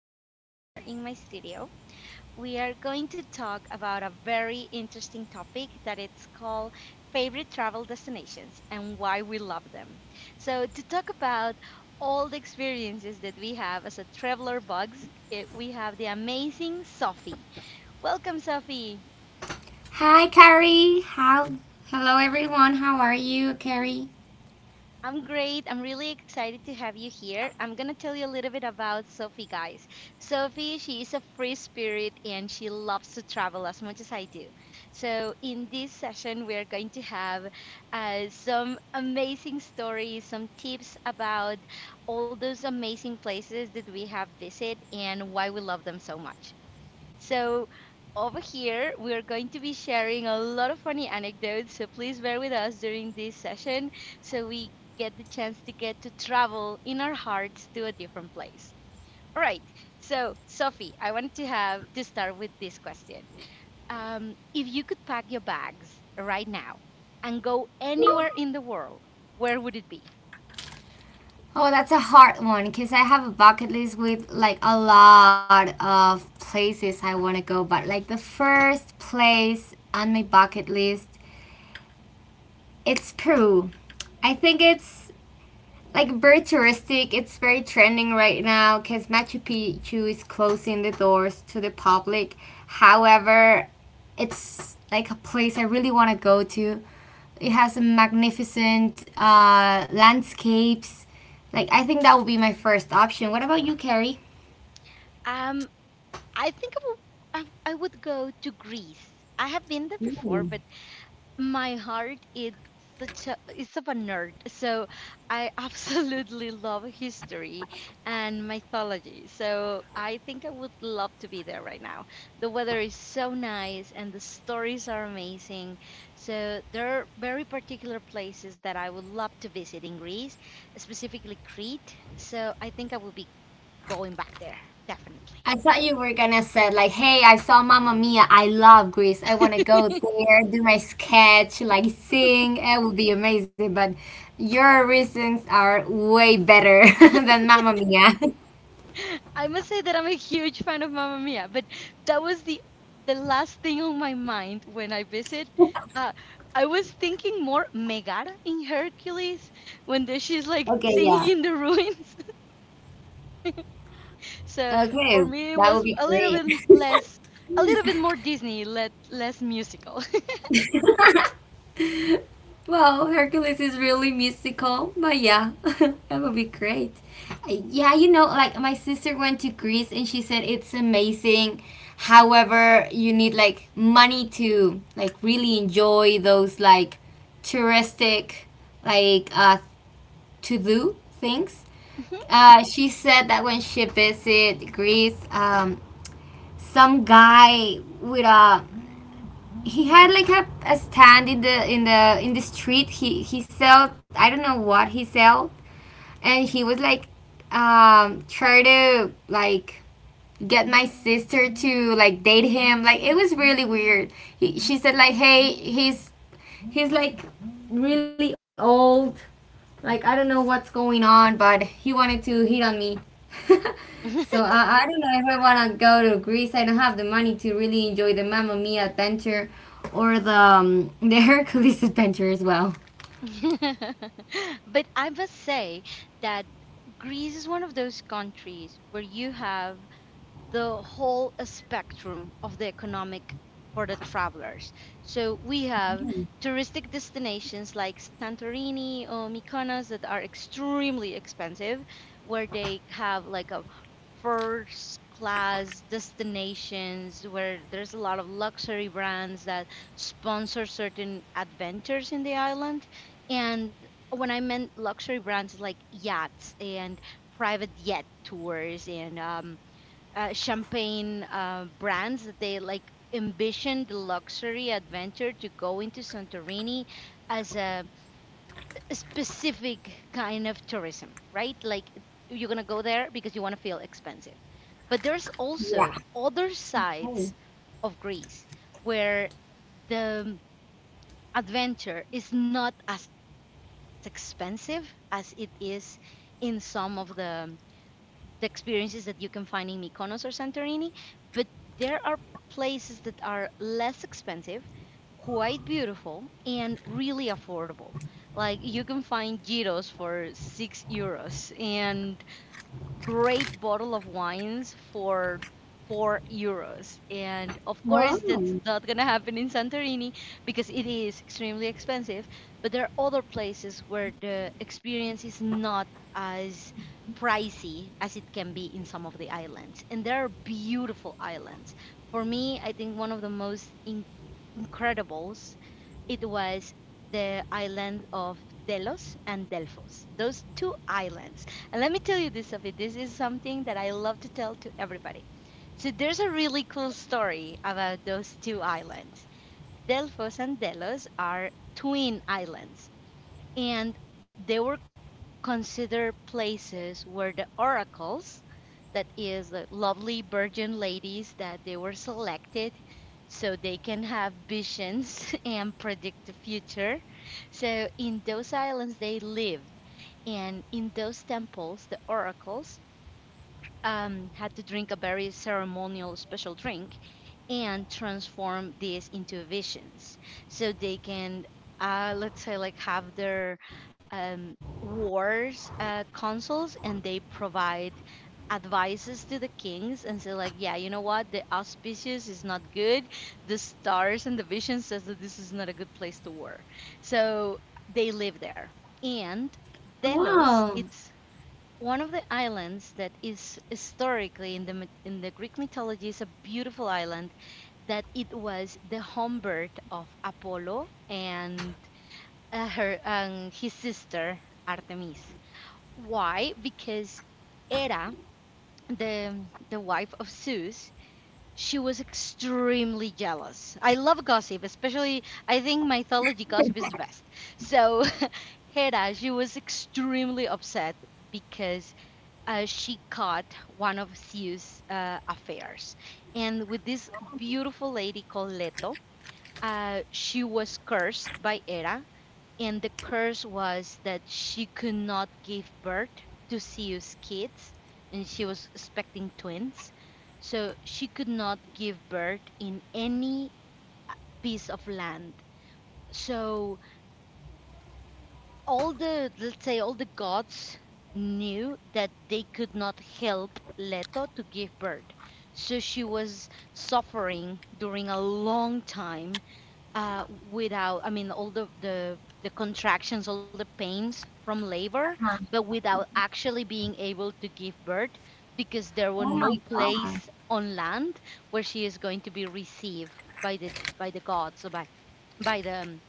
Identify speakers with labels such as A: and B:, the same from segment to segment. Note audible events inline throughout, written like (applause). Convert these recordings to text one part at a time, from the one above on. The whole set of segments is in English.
A: having here in my studio. We are going to talk about a very interesting topic that it's called favorite travel destinations and why we love them. So, to talk about all the experiences that we have as a traveler bugs, we have the amazing Sophie. Welcome, Sophie.
B: Hi, Carrie. How? Hello, everyone. How are you, Carrie?
A: I'm great. I'm really excited to have you here. I'm going to tell you a little bit about Sophie, guys. Sophie, she is a free spirit and she loves to travel as much as I do. So, in this session, we're going to have some amazing stories, some tips about all those amazing places that we have visited and why we love them so much. So, over here, we are going to be sharing a lot of funny anecdotes. So, please bear with us during this session so we get the chance to get to travel in our hearts to a different place. All right. So, Sophie, I wanted to have to start with this question. If you could pack your bags right now and go anywhere in the world, where would it be?
B: Oh, that's a hard one because I have a bucket list with like a lot of places I want to go, but like the first place on my bucket list, it's Peru. I think it's like very touristic. It's very trending right now because Machu Picchu is closing the doors to the public. However, it's like a place I really want to go to. It has magnificent landscapes. Like I think that would be my first option. What about you, Carrie?
A: Um, I think I would go to Greece. I have been there before, but my heart is of a nerd, so I (laughs) absolutely love history and mythology. So I think I would love to be there right now. The weather is so nice and the stories are amazing. So there are very particular places that I would love to visit in Greece, specifically Crete. So I think I will be going back there, definitely.
B: I thought you were gonna say like, "Hey, I saw Mamma Mia. I love Greece. I want to
A: (laughs)
B: go there, do my sketch, like sing. It would be amazing." But your reasons are way better (laughs) than Mamma Mia.
A: (laughs) I must say that I'm a huge fan of Mamma Mia, but that was the last thing on my mind when I visit.
B: (laughs)
A: Uh, I was thinking more Megara in Hercules when she's
B: Okay,
A: like
B: yeah.
A: singing in the ruins. (laughs) So
B: Okay,
A: for me, it
B: that would
A: was
B: be
A: a little
B: great.
A: bit less, a little bit more Disney, let less musical.
B: (laughs) (laughs) Well, Hercules is really mystical, but yeah, (laughs) that would be great. Yeah, you know, like my sister went to Greece and she said it's amazing. However, you need like money to like really enjoy those like touristic like to do things. She said that when she visited Greece, some guy with a he had like a stand in the street he sell, I don't know what he sell, and he was like try to like get my sister to like date him, like it was really weird. She said like, hey, he's like really old, like I don't know what's going on, but he wanted to hit on me. (laughs)
A: (laughs)
B: So
A: Mhm.
B: I don't know if I want to go to Greece. I don't have the money to really enjoy the Mamma Mia adventure or the (laughs) the Hercules adventure as well.
A: (laughs) But I must say that Greece is one of those countries where you have the whole spectrum of the economic for the travelers. So we have touristic destinations like Santorini or Mykonos that are extremely expensive, where they have like a first class destinations where there's a lot of luxury brands that sponsor certain adventures in the island. And when I meant luxury brands, it's like yachts and private jet tours, and champagne brands that they like ambition the luxury adventure to go into Santorini as a specific kind of tourism, right? Like you're gonna go there because you want to feel expensive. But there's also
B: Yeah.
A: other
B: Oh,
A: sides of Greece where the adventure is not as expensive as it is in some of the experiences that you can find in Mykonos or Santorini, but there are places that are less expensive, quite beautiful, and really affordable. Like you can find gyros for €6, and great bottle of wines for €4. And of
B: wow!
A: course, that's not going to happen in Santorini because it is extremely expensive. But there are other places where the experience is not as pricey as it can be in some of the islands. And there are beautiful islands. For me, I think one of the most incredibles it was the island of Delos and Delphos. Those two islands. And let me tell you this, Sophie. This is something that I love to tell to everybody. So there's a really cool story about those two islands. Delfos and Delos are twin islands, and they were consider places where the oracles, that is, the lovely virgin ladies that they were selected so they can have visions (laughs) and predict the future. So in those islands they lived, and in those temples, the oracles had to drink a very ceremonial special drink and transform this into visions so they can, let's say, like have their um, wars, consuls, and they provide advices to the kings and say like, yeah, you know what, the auspicious is not good, the stars and the vision says that this is not a good place to war. So they live there, and
B: Wow!
A: Delos, it's one of the islands that is historically in the in the Greek mythology is a beautiful island that it was the home birth of Apollo and her his sister Artemis. Why? Because Hera, the wife of Zeus, she was extremely jealous. I love gossip, especially I think mythology gossip is the best. So (laughs) Hera, she was extremely upset because she caught one of Zeus' affairs, and with this beautiful lady called Leto. She was cursed by Hera, and the curse was that she could not give birth to Siu's kids, and she was expecting twins. So she could not give birth in any piece of land. So all the, let's say, all the gods knew that they could not help Leto to give birth. So she was suffering during a long time, uh, without, I mean, all the contractions, all the pains from labor, but without actually being able to give birth because there were
B: Oh
A: no
B: my God!
A: place on land where she is going to be received by the gods, or by the,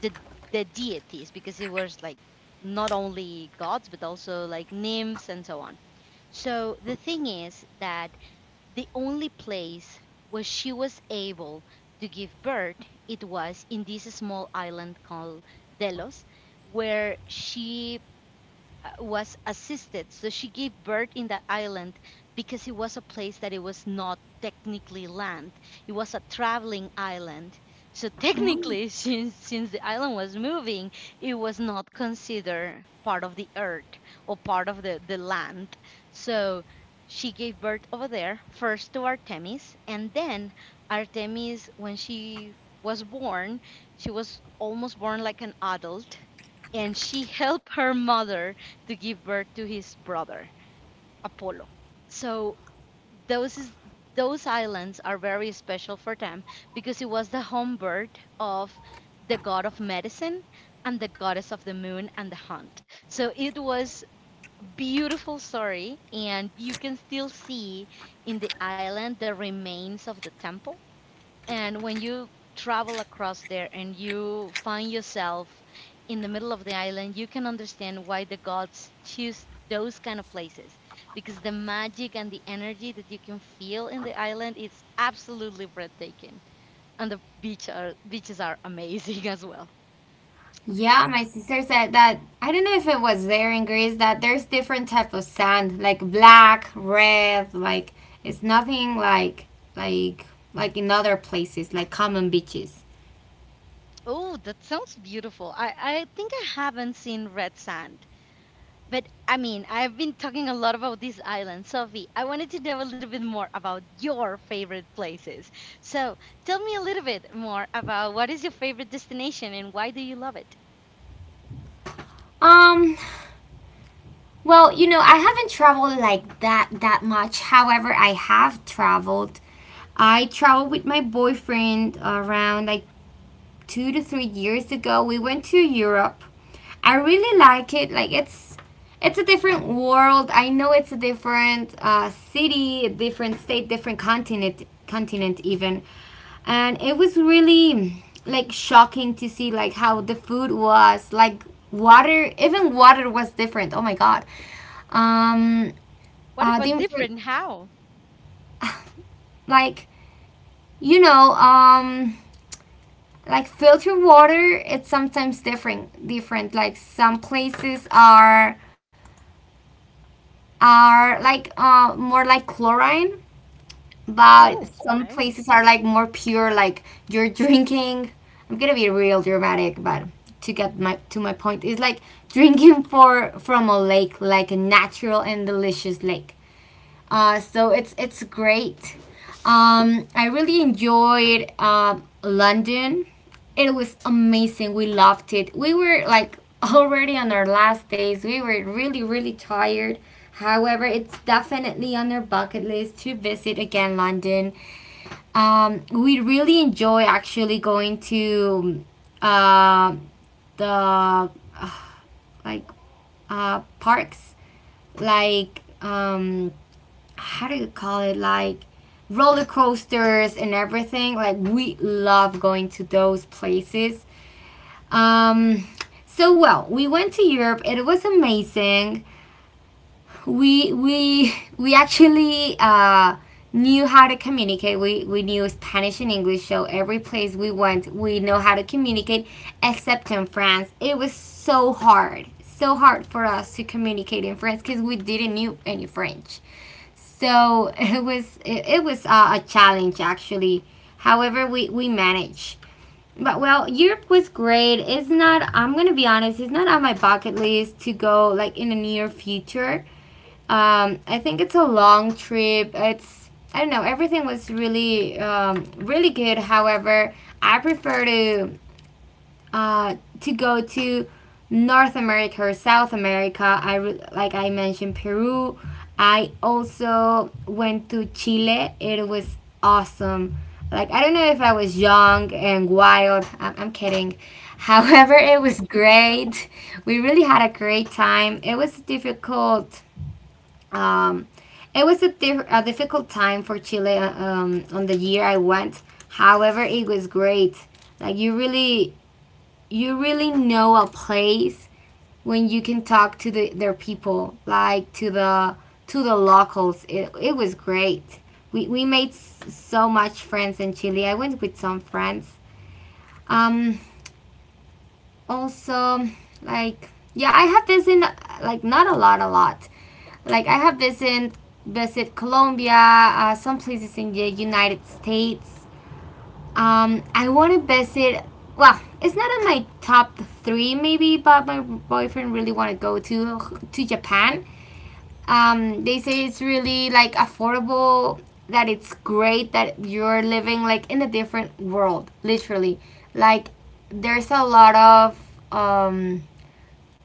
A: the, the deities, because it was like not only gods but also like nymphs and so on. So the thing is that the only place where she was able to give birth, it was in this small island called Delos, where she was assisted. So she gave birth in that island because it was a place that it was not technically land. It was a traveling island. So
B: Mm.
A: technically, (laughs) since the island was moving, it was not considered part of the earth or part of the land. So she gave birth over there, first to Artemis, and then Artemis, when she was born, she was almost born like an adult, and she helped her mother to give birth to his brother Apollo. So those is those islands are very special for them because it was the home birth of the god of medicine and the goddess of the moon and the hunt. So it was beautiful story, and you can still see in the island the remains of the temple. And when you travel across there and you find yourself in the middle of the island, you can understand why the gods choose those kind of places because the magic and the energy that you can feel in the island is absolutely breathtaking. And beaches are amazing (laughs) as well.
B: Yeah, my sister said that I don't know if it was there in Greece that there's different type of sand, like black, red, like it's nothing like like like in other places, like common beaches.
A: Oh, that sounds beautiful. I think I haven't seen red sand. But I mean, I've been talking a lot about these islands. Sophie, I wanted to know a little bit more about your favorite places. So tell me a little bit more about what is your favorite destination and why do you love it?
B: Um, well, you know, I haven't traveled like that much. However, I have traveled. I traveled with my boyfriend around like 2 to 3 years ago. We went to Europe. I really like it. Like it's a different world. I know it's a different city, a different state, different continent, continent even, and it was really like shocking to see like how the food was like water, even water was different, oh my god. um
A: What
B: uh
A: about
B: the
A: different?
B: infor-
A: How?
B: like, you know, like filtered water, it's sometimes different, different, like some places are like more like chlorine,
A: Oh,
B: but some
A: okay.
B: places are like more pure, like you're (laughs) drinking, I'm gonna be real dramatic, but to get my to my point, it's like drinking for from a lake, like a natural and delicious lake. So it's great. I really enjoyed London. It was amazing. We loved it. We were like (laughs) already on our last days. We were really really tired. However, it's definitely on our bucket list to visit again London. We really enjoy actually going to uh, the like parks, like how do you call it, like roller coasters and everything, like we love going to those places. um so well, we went to Europe, it was amazing. We actually knew how to communicate. We knew Spanish and English, so every place we went, we know how to communicate. Except in France, it was so hard for us to communicate in France because we didn't knew any French. So (laughs) it, it was a challenge actually. However, we managed. But well, Europe was great. It's not. I'm gonna be honest. It's not on my bucket list to go like in the near future. I think it's a long trip. It's I don't know. Everything was really really good. However, I prefer uh, to go to North America or South America. Like I mentioned, Peru. I also went to Chile. It was awesome. Like I don't know if I was young and wild. I'm kidding. (laughs) However, it was great. We really had a great time. It was difficult, um, it was a difficult time for Chile, on the year I went. However, it was great. Like you really know a place when you can talk to their people, like to the locals. It was great. We made so much friends in Chile. I went with some friends. Um, Also, like yeah, I have this in like not a lot, a lot, like I have visit Colombia, some places in the United States. I want to visit. Well, it's not in my top three, maybe, but my boyfriend really want to go to Japan. They say it's really like affordable. That it's great that you're living like in a different world, literally. Like there's a lot of um,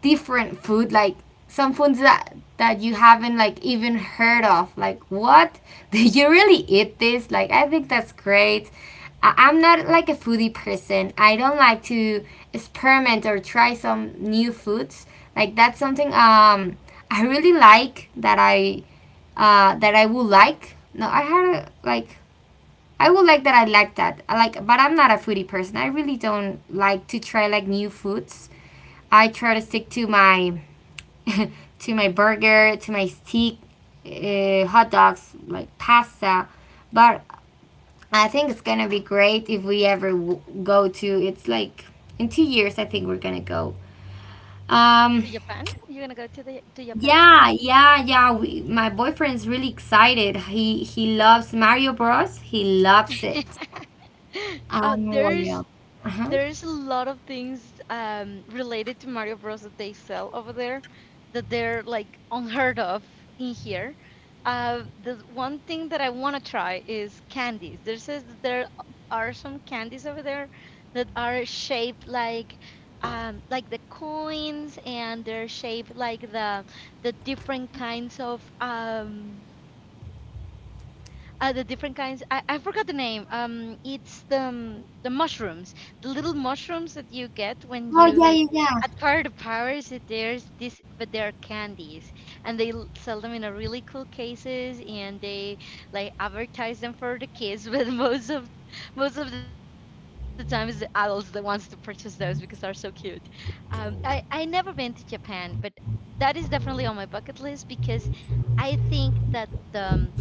B: different food, like some foods that you haven't like even heard of, like what (laughs) did you really eat this, like I think that's great. I'm not like a foodie person, I don't like to experiment or try some new foods, like that's something. I really like that I would like, no I had a, like I would like that I like that I like but I'm not a foodie person, I really don't like to try like new foods. I try to stick to my (laughs) to my burger, to my steak, hot dogs, like pasta. But I think it's gonna be great if we ever go to. It's like in 2 years, I think we're gonna go. Um,
A: To Japan? You're gonna go to the to Japan?
B: yeah, yeah, yeah. My boyfriend's really excited. He loves Mario Bros. He loves it.
A: (gasps) Oh,
B: What else? Uh huh.
A: there's a lot of things related to Mario Bros that they sell over there that they're like unheard of in here. The one thing that I want to try is candies. There says that there are some candies over there that are shaped like, like the coins, and they're shaped like the different kinds of the different kinds. I forgot the name. It's the, the mushrooms, the little mushrooms that you get when
B: Oh
A: you
B: yeah,
A: like
B: yeah, yeah,
A: at card of powers. That There's this, but they're candies, and they sell them in a really cool cases, and they like advertise them for the kids. (laughs) But most of the time, is the adults that wants to purchase those because they're so cute. I never been to Japan, but that is definitely on my bucket list because I think that the,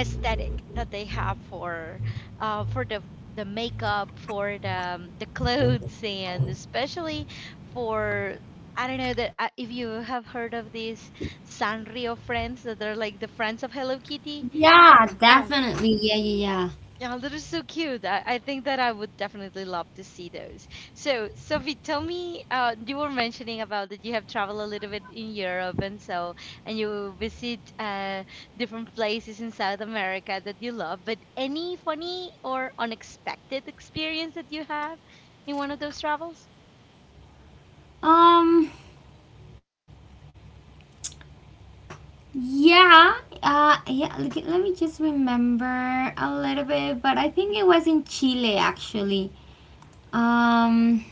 A: aesthetic that they have for, for the makeup, for the, the clothes, and especially for, I don't know that, if you have heard of these Sanrio friends that are like the friends of Hello Kitty.
B: yeah.
A: Oh
B: Definitely, yeah, yeah,
A: yeah, that is so cute. I think that I would definitely love to see those. So, Sophie, tell me, you were mentioning about that you have traveled a little bit in Europe and so, and you visit different places in South America that you love, but any funny or unexpected experience that you have in one of those travels?
B: yeah. Yeah, yeah. Let me just remember a little bit, but I think it was in Chile actually. Um,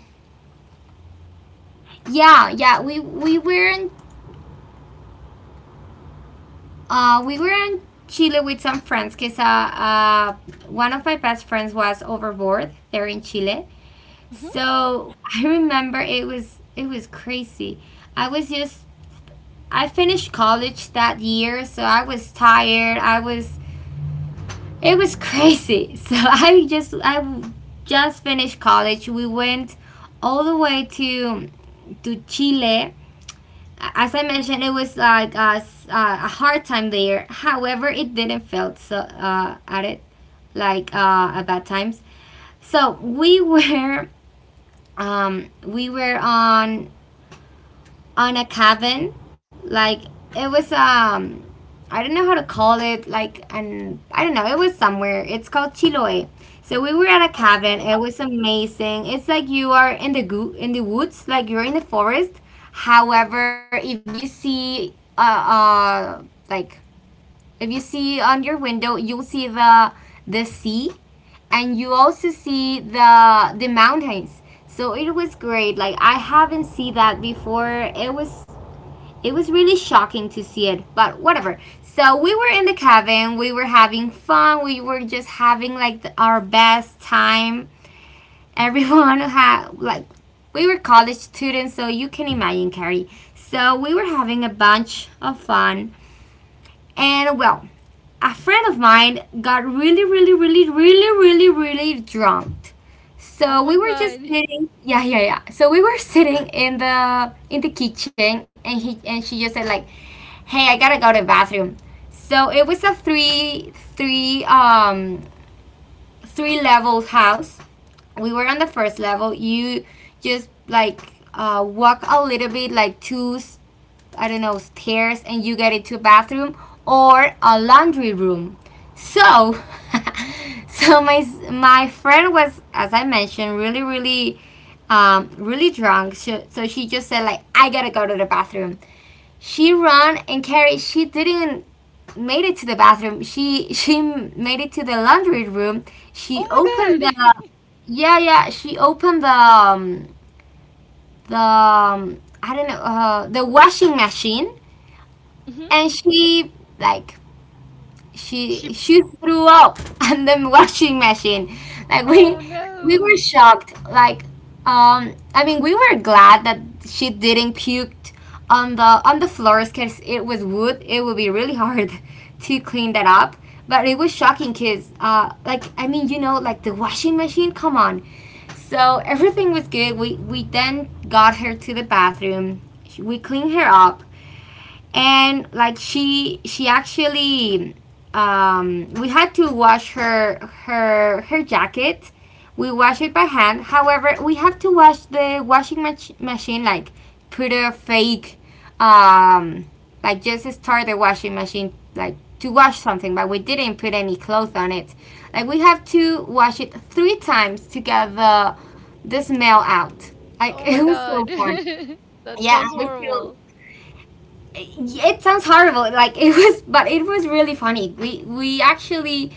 B: yeah, yeah. We were in Chile with some friends because one of my best friends was overboard there in Chile.
A: Hmm.
B: So I remember it was crazy. I was just I finished college that year, so I was tired. I was It was crazy. (laughs) So I just finished college. We went all the way to Chile. As I mentioned, it was like a hard time there. However, it didn't felt so at it like at bad times. So um, we were on a cabin. Like it was I don't know how to call it, like an I don't know, it was somewhere. It's called Chiloé. So we were at a
A: Oh,
B: cabin.
A: okay.
B: It was amazing. It's like you are in the in the woods, like you're in the forest. However, if you see like if you see on your window, you'll see the sea and you also see the mountains. So it was great. Like I haven't seen that before. It was it was really shocking to see it, but whatever. So we were in the cabin, we were having fun, we were just having like our best time. (laughs) Everyone had like we were college students, so you can imagine, Carrie. So we were having a bunch of fun, and well, a friend of mine got really, really, really, really, really, really drunk.
A: Oh
B: So
A: my
B: we were just
A: God.
B: sitting, yeah, yeah, yeah. So we were (laughs) sitting in the kitchen, and he and she just said like, hey, I gotta go to the bathroom. So it was a three level house. We were on the first level. You just like walk a little bit, like I don't know, stairs, and you get into a bathroom or a laundry room. So, (laughs) so my friend was, as I mentioned, really, really, really drunk. So she just said like, I gotta go to the bathroom. She ran and carried. She didn't made it to the bathroom. She made it to the laundry room. She
A: Oh my
B: opened the
A: God.
B: yeah yeah. She opened the I don't know the washing machine
A: (laughs) Hmm.
B: and she like
A: She
B: she threw up (laughs) on the washing machine like we
A: Oh
B: we were
A: no.
B: shocked, like I mean, we were glad that she didn't puke on the floors because it was wood, it would be really hard (laughs) to clean that up. But it was shocking because like, I mean, you know, like the washing machine, come on. So everything was good, we then got her to the bathroom, we cleaned her up. And like she actually, we had to wash her jacket. We wash it by hand. However, we have to wash the machine, like put a fake, um, like just start the washing machine like to wash something, but we didn't put any clothes on it. Like, we have to wash it 3 times to get the smell out. Like, (laughs)
A: Oh my
B: it was so
A: God.
B: fun.
A: (laughs) That
B: Yeah,
A: sounds
B: and we still,
A: horrible.
B: it sounds horrible, like it was, but it was really funny. We actually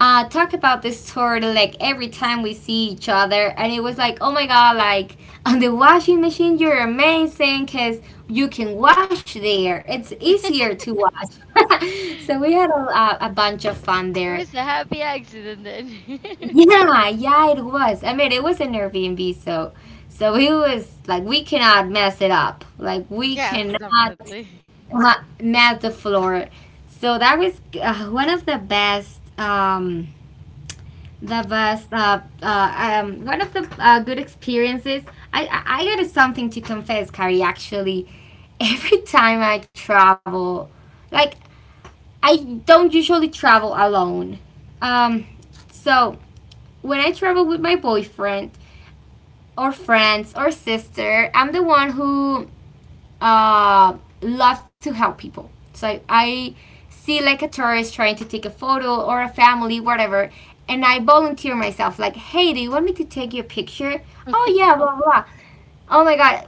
B: talk about this story like every time we see each other. And it was like, oh my god, like (laughs) on the washing machine, you're amazing because you can wash there, it's easier to wash. (laughs) So we had a bunch of fun
A: It
B: there.
A: was a happy accident then. (laughs)
B: Yeah, yeah, it was. I mean, it was an Airbnb, so so it was like we cannot mess it up. Like, we
A: Yes,
B: cannot
A: definitely.
B: uh, mess the floor. So that was one of the best, one of the good experiences. I got something to confess, Carrie. Actually, (laughs) every time I travel, like I don't usually travel alone. Um, so when I travel with my boyfriend or friends or sister, I'm the one who uh, loves to help people. So I see like a tourist trying to take a photo or a family, whatever, and I volunteer myself like, hey, do you want me to take your picture? Oh yeah, blah blah. Oh my god,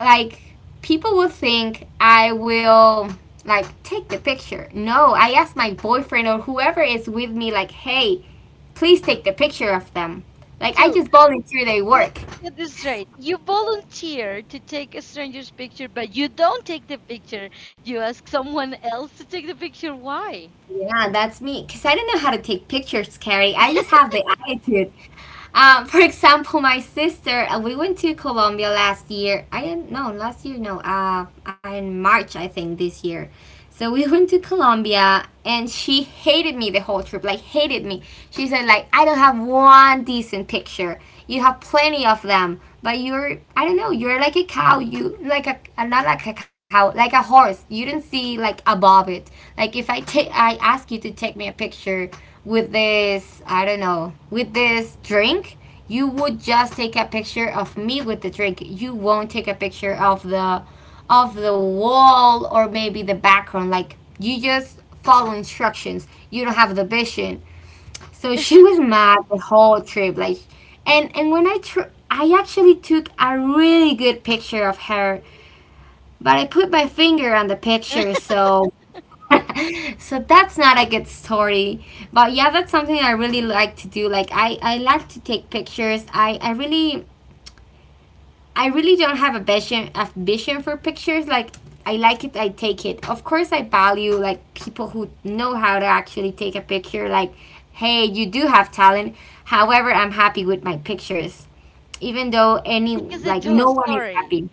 B: like, people will think I will like take the picture. No, I ask my boyfriend or whoever is with me like, hey, please take the picture of them. Like, I
A: So
B: just volunteer their
A: let's
B: work.
A: get this straight. You volunteer to take a stranger's picture, but you don't take the picture. You ask someone else to take the picture. Why?
B: Yeah, that's me. Cause I don't know how to take pictures, Carrie. I just have the attitude. (laughs) For example, my sister. We went to Colombia last year. I don't know, last year, no. In March, I think, this year. So we went to Colombia and she hated me the whole trip, like hated me. She said like, I don't have one decent picture. You have plenty of them, but you're, I don't know, you're like a cow. You like a not like a cow, like a horse. You don't see like above it. Like, if I take, I ask you to take me a picture with this, I don't know, with this drink, you would just take a picture of me with the drink. You won't take a picture of the wall or maybe the background. Like, you just follow instructions. You don't have the vision. So (laughs) she was mad the whole trip. Like, and when I actually took a really good picture of her, but I put my finger on the picture.
A: (laughs)
B: So (laughs) so that's not a good story, but yeah, that's something I really like to do. Like I like to take pictures. I really, I really don't have a vision for pictures. Like, I like it, I take it. Of course, I value like people who know how to actually take a picture. Like, hey, you do have talent. However, I'm happy with my pictures, even though any,
A: Because they
B: like,
A: tell a
B: no one is
A: story.
B: happy.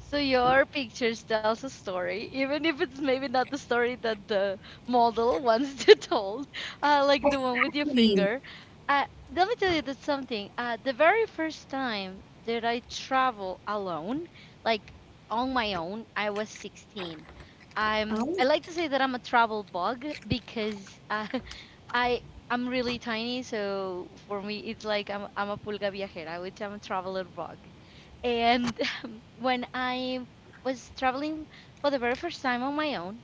A: So your pictures tells a story, even if it's maybe not the story that the model (laughs) wants to told, like the one with your
B: Exactly.
A: finger. Uh, Let me tell you that something. The very first time that I travel alone, like on my own, I was 16. I
B: Oh.
A: like to say that I'm a travel bug because (laughs) I I'm really tiny, so for me it's like I'm a pulga viajera, which I'm a traveler bug. And when I was traveling for the very first time on my own,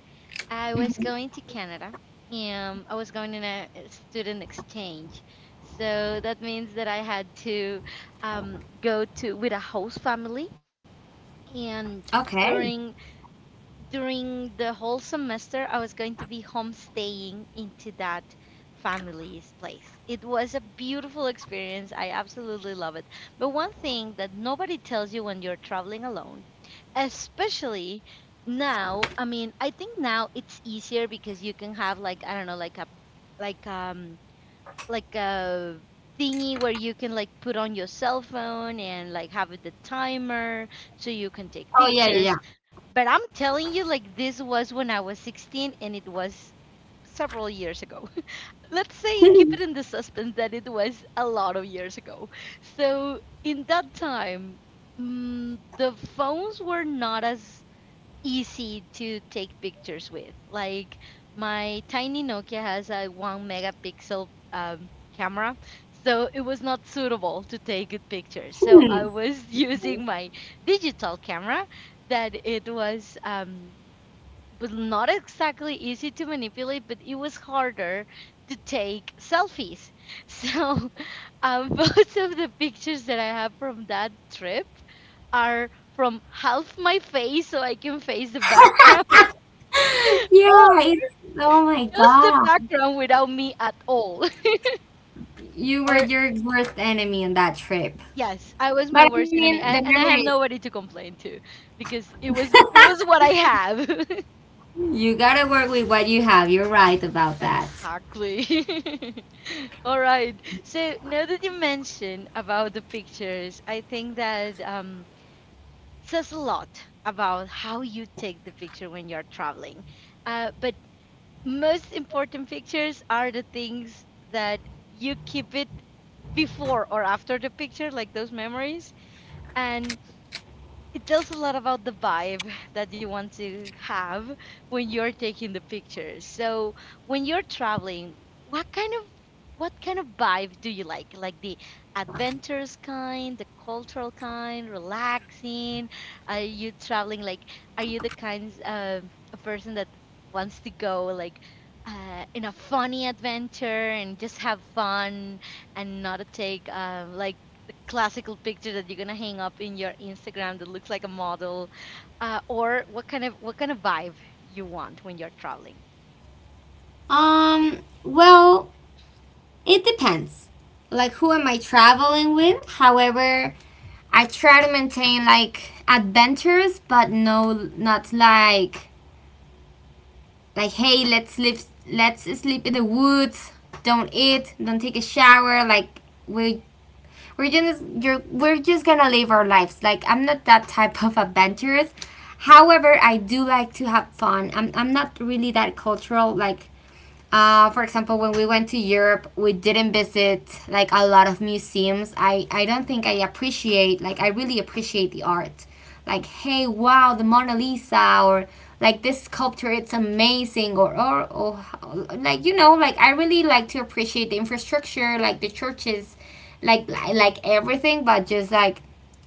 A: I was
B: Mhm.
A: going to Canada. I was going in a student exchange, so that means that I had to go to with a host family. And
B: Okay.
A: during during the whole semester I was going to be homestaying into that family's place. It was a beautiful experience. I absolutely love it. But one thing that nobody tells you when you're traveling alone, especially now, I mean, I think now it's easier because you can have like, I don't know, like a like like a thingy where you can like put on your cell phone and like have the timer so you can take
B: Oh yeah, yeah,
A: pictures. But I'm telling you, like, this was when I was 16 and it was several years ago. (laughs) Let's say,
B: yeah.
A: keep
B: (laughs)
A: it in the suspense that it was a lot of years ago. So, in that time, the phones were not as easy to take pictures with. Like my tiny Nokia has a one megapixel camera, so it was not suitable to take good pictures. So I
B: Hmm.
A: was (laughs) using my digital camera that it was. But not exactly easy to manipulate, but it was harder to take selfies. (laughs) So (laughs) most of the pictures that I have from that trip are from half my face so I can face the background (laughs) or
B: Yeah. It, oh my
A: just the
B: god.
A: background without me at all. (laughs)
B: You were
A: Or
B: your worst enemy on that trip.
A: yes, I was my
B: But I
A: worst
B: mean,
A: enemy.
B: the
A: And I have
B: memories.
A: nobody to complain to because it was what I have. (laughs)
B: (laughs) You gotta work with what you have. You're right about that.
A: Exactly. (laughs) All right. So now that you mentioned about the pictures, I think that says a lot about how you take the picture when you're traveling. But most important pictures are the things that you keep it before or after the picture, like those memories. And it tells a lot about the vibe that you want to have when you're taking the pictures. So when you're traveling, what kind of what kind of vibe do you like? Like the adventurous kind, the cultural kind, relaxing? Are you traveling like, are you the kinds of a person that wants to go like in a funny adventure and just have fun and not take like the classical picture that you're gonna hang up in your Instagram that looks like a model, or what kind of vibe you want when you're traveling.
B: Um, well, it depends. Like, who am I traveling with? However, I try to maintain like adventures, but no, not like, like, hey, let's live, let's sleep in the woods. Don't eat, don't take a shower. Like, we, we're just, you're, we're just gonna live our lives. Like, I'm not that type of adventurous. However, I do like to have fun. I'm not really that cultural. Like for example, when we went to Europe, we didn't visit like a lot of museums. I don't think I appreciate, like, I really appreciate the art. Like, hey, wow, the Mona Lisa, or like this sculpture, it's amazing, or like, you know, like, I really like to appreciate the infrastructure, like the churches, like, like everything, but just like,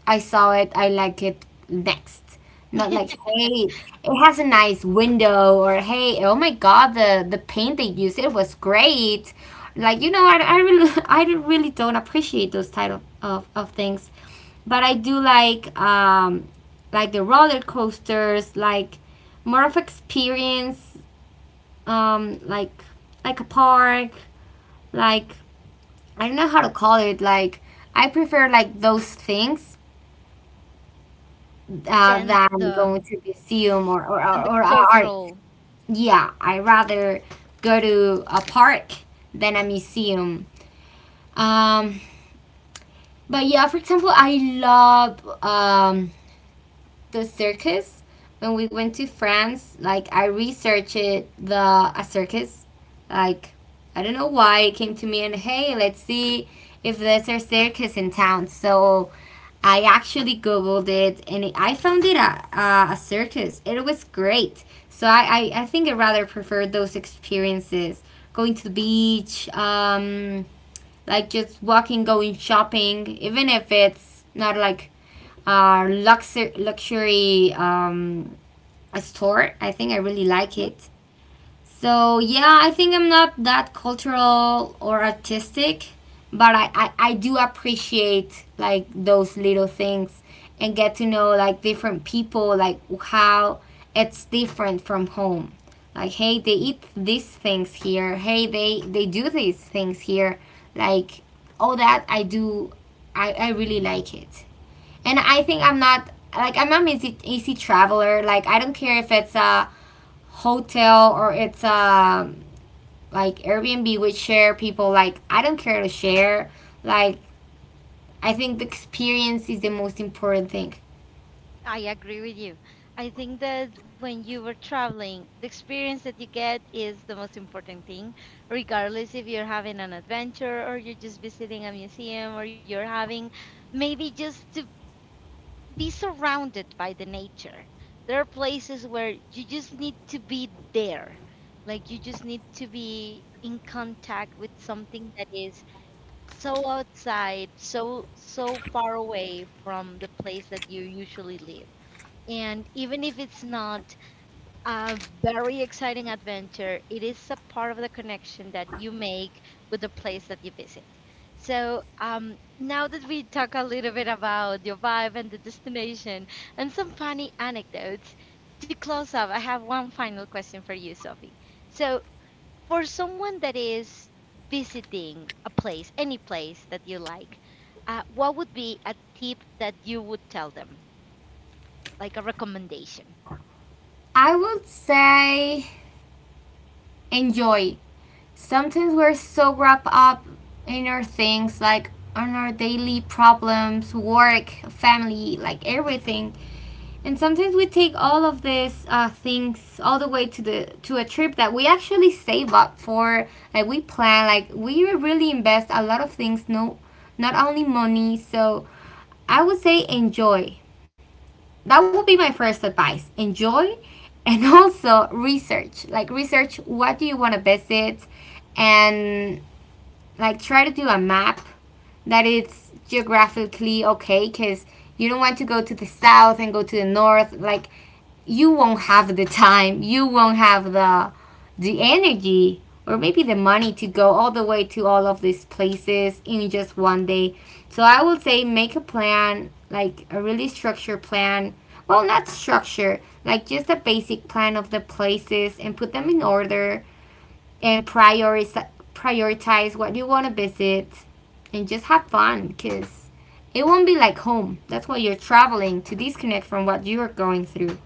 B: I saw it, I like it, next. Not like,
A: (laughs)
B: hey, it has a
A: Like,
B: nice window. Or hey, oh my god, the paint they used, it was great. Like, you know, I really (laughs) I really don't appreciate those type of things. But I do like the roller coasters, like more of experience. um like like a park, like, I don't know how to call it. Like, I prefer like those things
A: then
B: than going
A: the
B: to museum or,
A: then the
B: or, or art.
A: cultural.
B: Yeah, I rather go to a park than a museum. Um, but yeah, for example, I love the circus when we went to France. Like, I researched the a circus. Like, I don't know why it came to me, and hey, let's see if there's a circus in town. So I actually googled it, and it, I found it a circus. It was great. So I think I rather prefer those experiences. Going to the beach, like just walking, going shopping, even if it's not like luxury, luxury a store. I think I really like
A: Mhm,
B: it. So yeah, I think I'm not that cultural or artistic, but I do appreciate like those little things and get to know like different people, like how it's different from home. Like, hey, they eat these things here. Hey, they do these things here. Like, all that I do, I really like it. And I think I'm not, like, I'm not an easy, easy traveler. Like, I don't care if it's a hotel or it's a, like, Airbnb with share people. Like, I don't care to share. Like, I think the experience is the most important thing.
A: I agree with you. I think that when you were traveling, the experience that you get is the most important thing, regardless if you're having an adventure or you're just visiting a museum or you're having maybe just to be surrounded by the nature. There are places where you just need to be there. Like you just need to be in contact with something that is so outside, so so far away from the place that you usually live. And even if it's not a very exciting adventure. It is a part of the connection that you make with the place that you visit. So, now that we talk a little bit about your vibe and the destination and some funny anecdotes, to close up, I have one final question for you, Sophie. So, for someone that is visiting a place, any place that you like, what would be a tip that you would tell them, like a recommendation?
B: I would say enjoy. Sometimes we're so wrapped up in our things, like on our daily problems, work, family, like everything. And sometimes we take all of these things all the way to the to a trip that we actually save up for. Like, we plan, like, we really invest a lot of things. No, not only money. So I would say enjoy. That would be my first advice. Enjoy, and (laughs) also research. Like, research what do you want to visit, and like try to do a map that it's geographically okay, because you don't want to go to the south and go to the north. Like, you won't have the time, you won't have the energy or maybe the money to go all the way to all of these places in just one day. So I would say make a plan, like a really structured plan. Well, not structure, like just a basic plan of the places and put them in order and prioritize, what you want to visit, and just have fun, because it won't be like home. That's why you're traveling, to disconnect from what you are going through.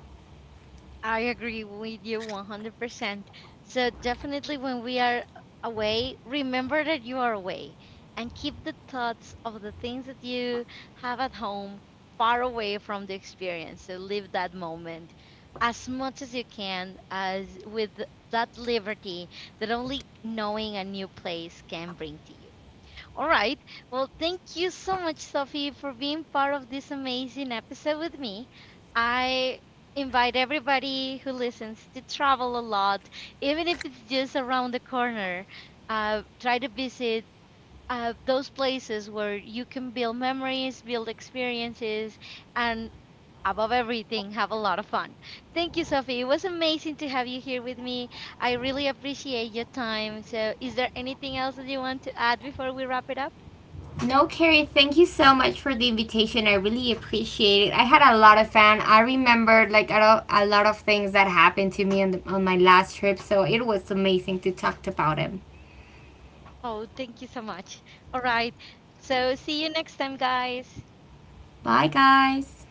A: I agree with you 100%. So, definitely, when we are away, remember that you are away and keep the thoughts of the things that you have at home far away from the experience. So, live that moment as much as you can, as with that liberty that only knowing a new place can bring to you. All right. Well, thank you so much, Sophie, for being part of this amazing episode with me. I invite everybody who listens to travel a lot, even if it's just around the corner. Try to visit those places where you can build memories, build experiences, and above everything, have a lot of fun. Thank you, Sophie. It was amazing to have you here with me. I really appreciate your time. So, is there anything else that you want to add before we wrap it up?
B: No, Carrie, thank you so much for the invitation. I really appreciate it. I had a lot of fun. I remembered like a lot of things that happened to me on, the, on my last trip, so it was amazing to talk about it.
A: Oh, thank you so much. All right. So, see you next time, guys.
B: Bye, guys.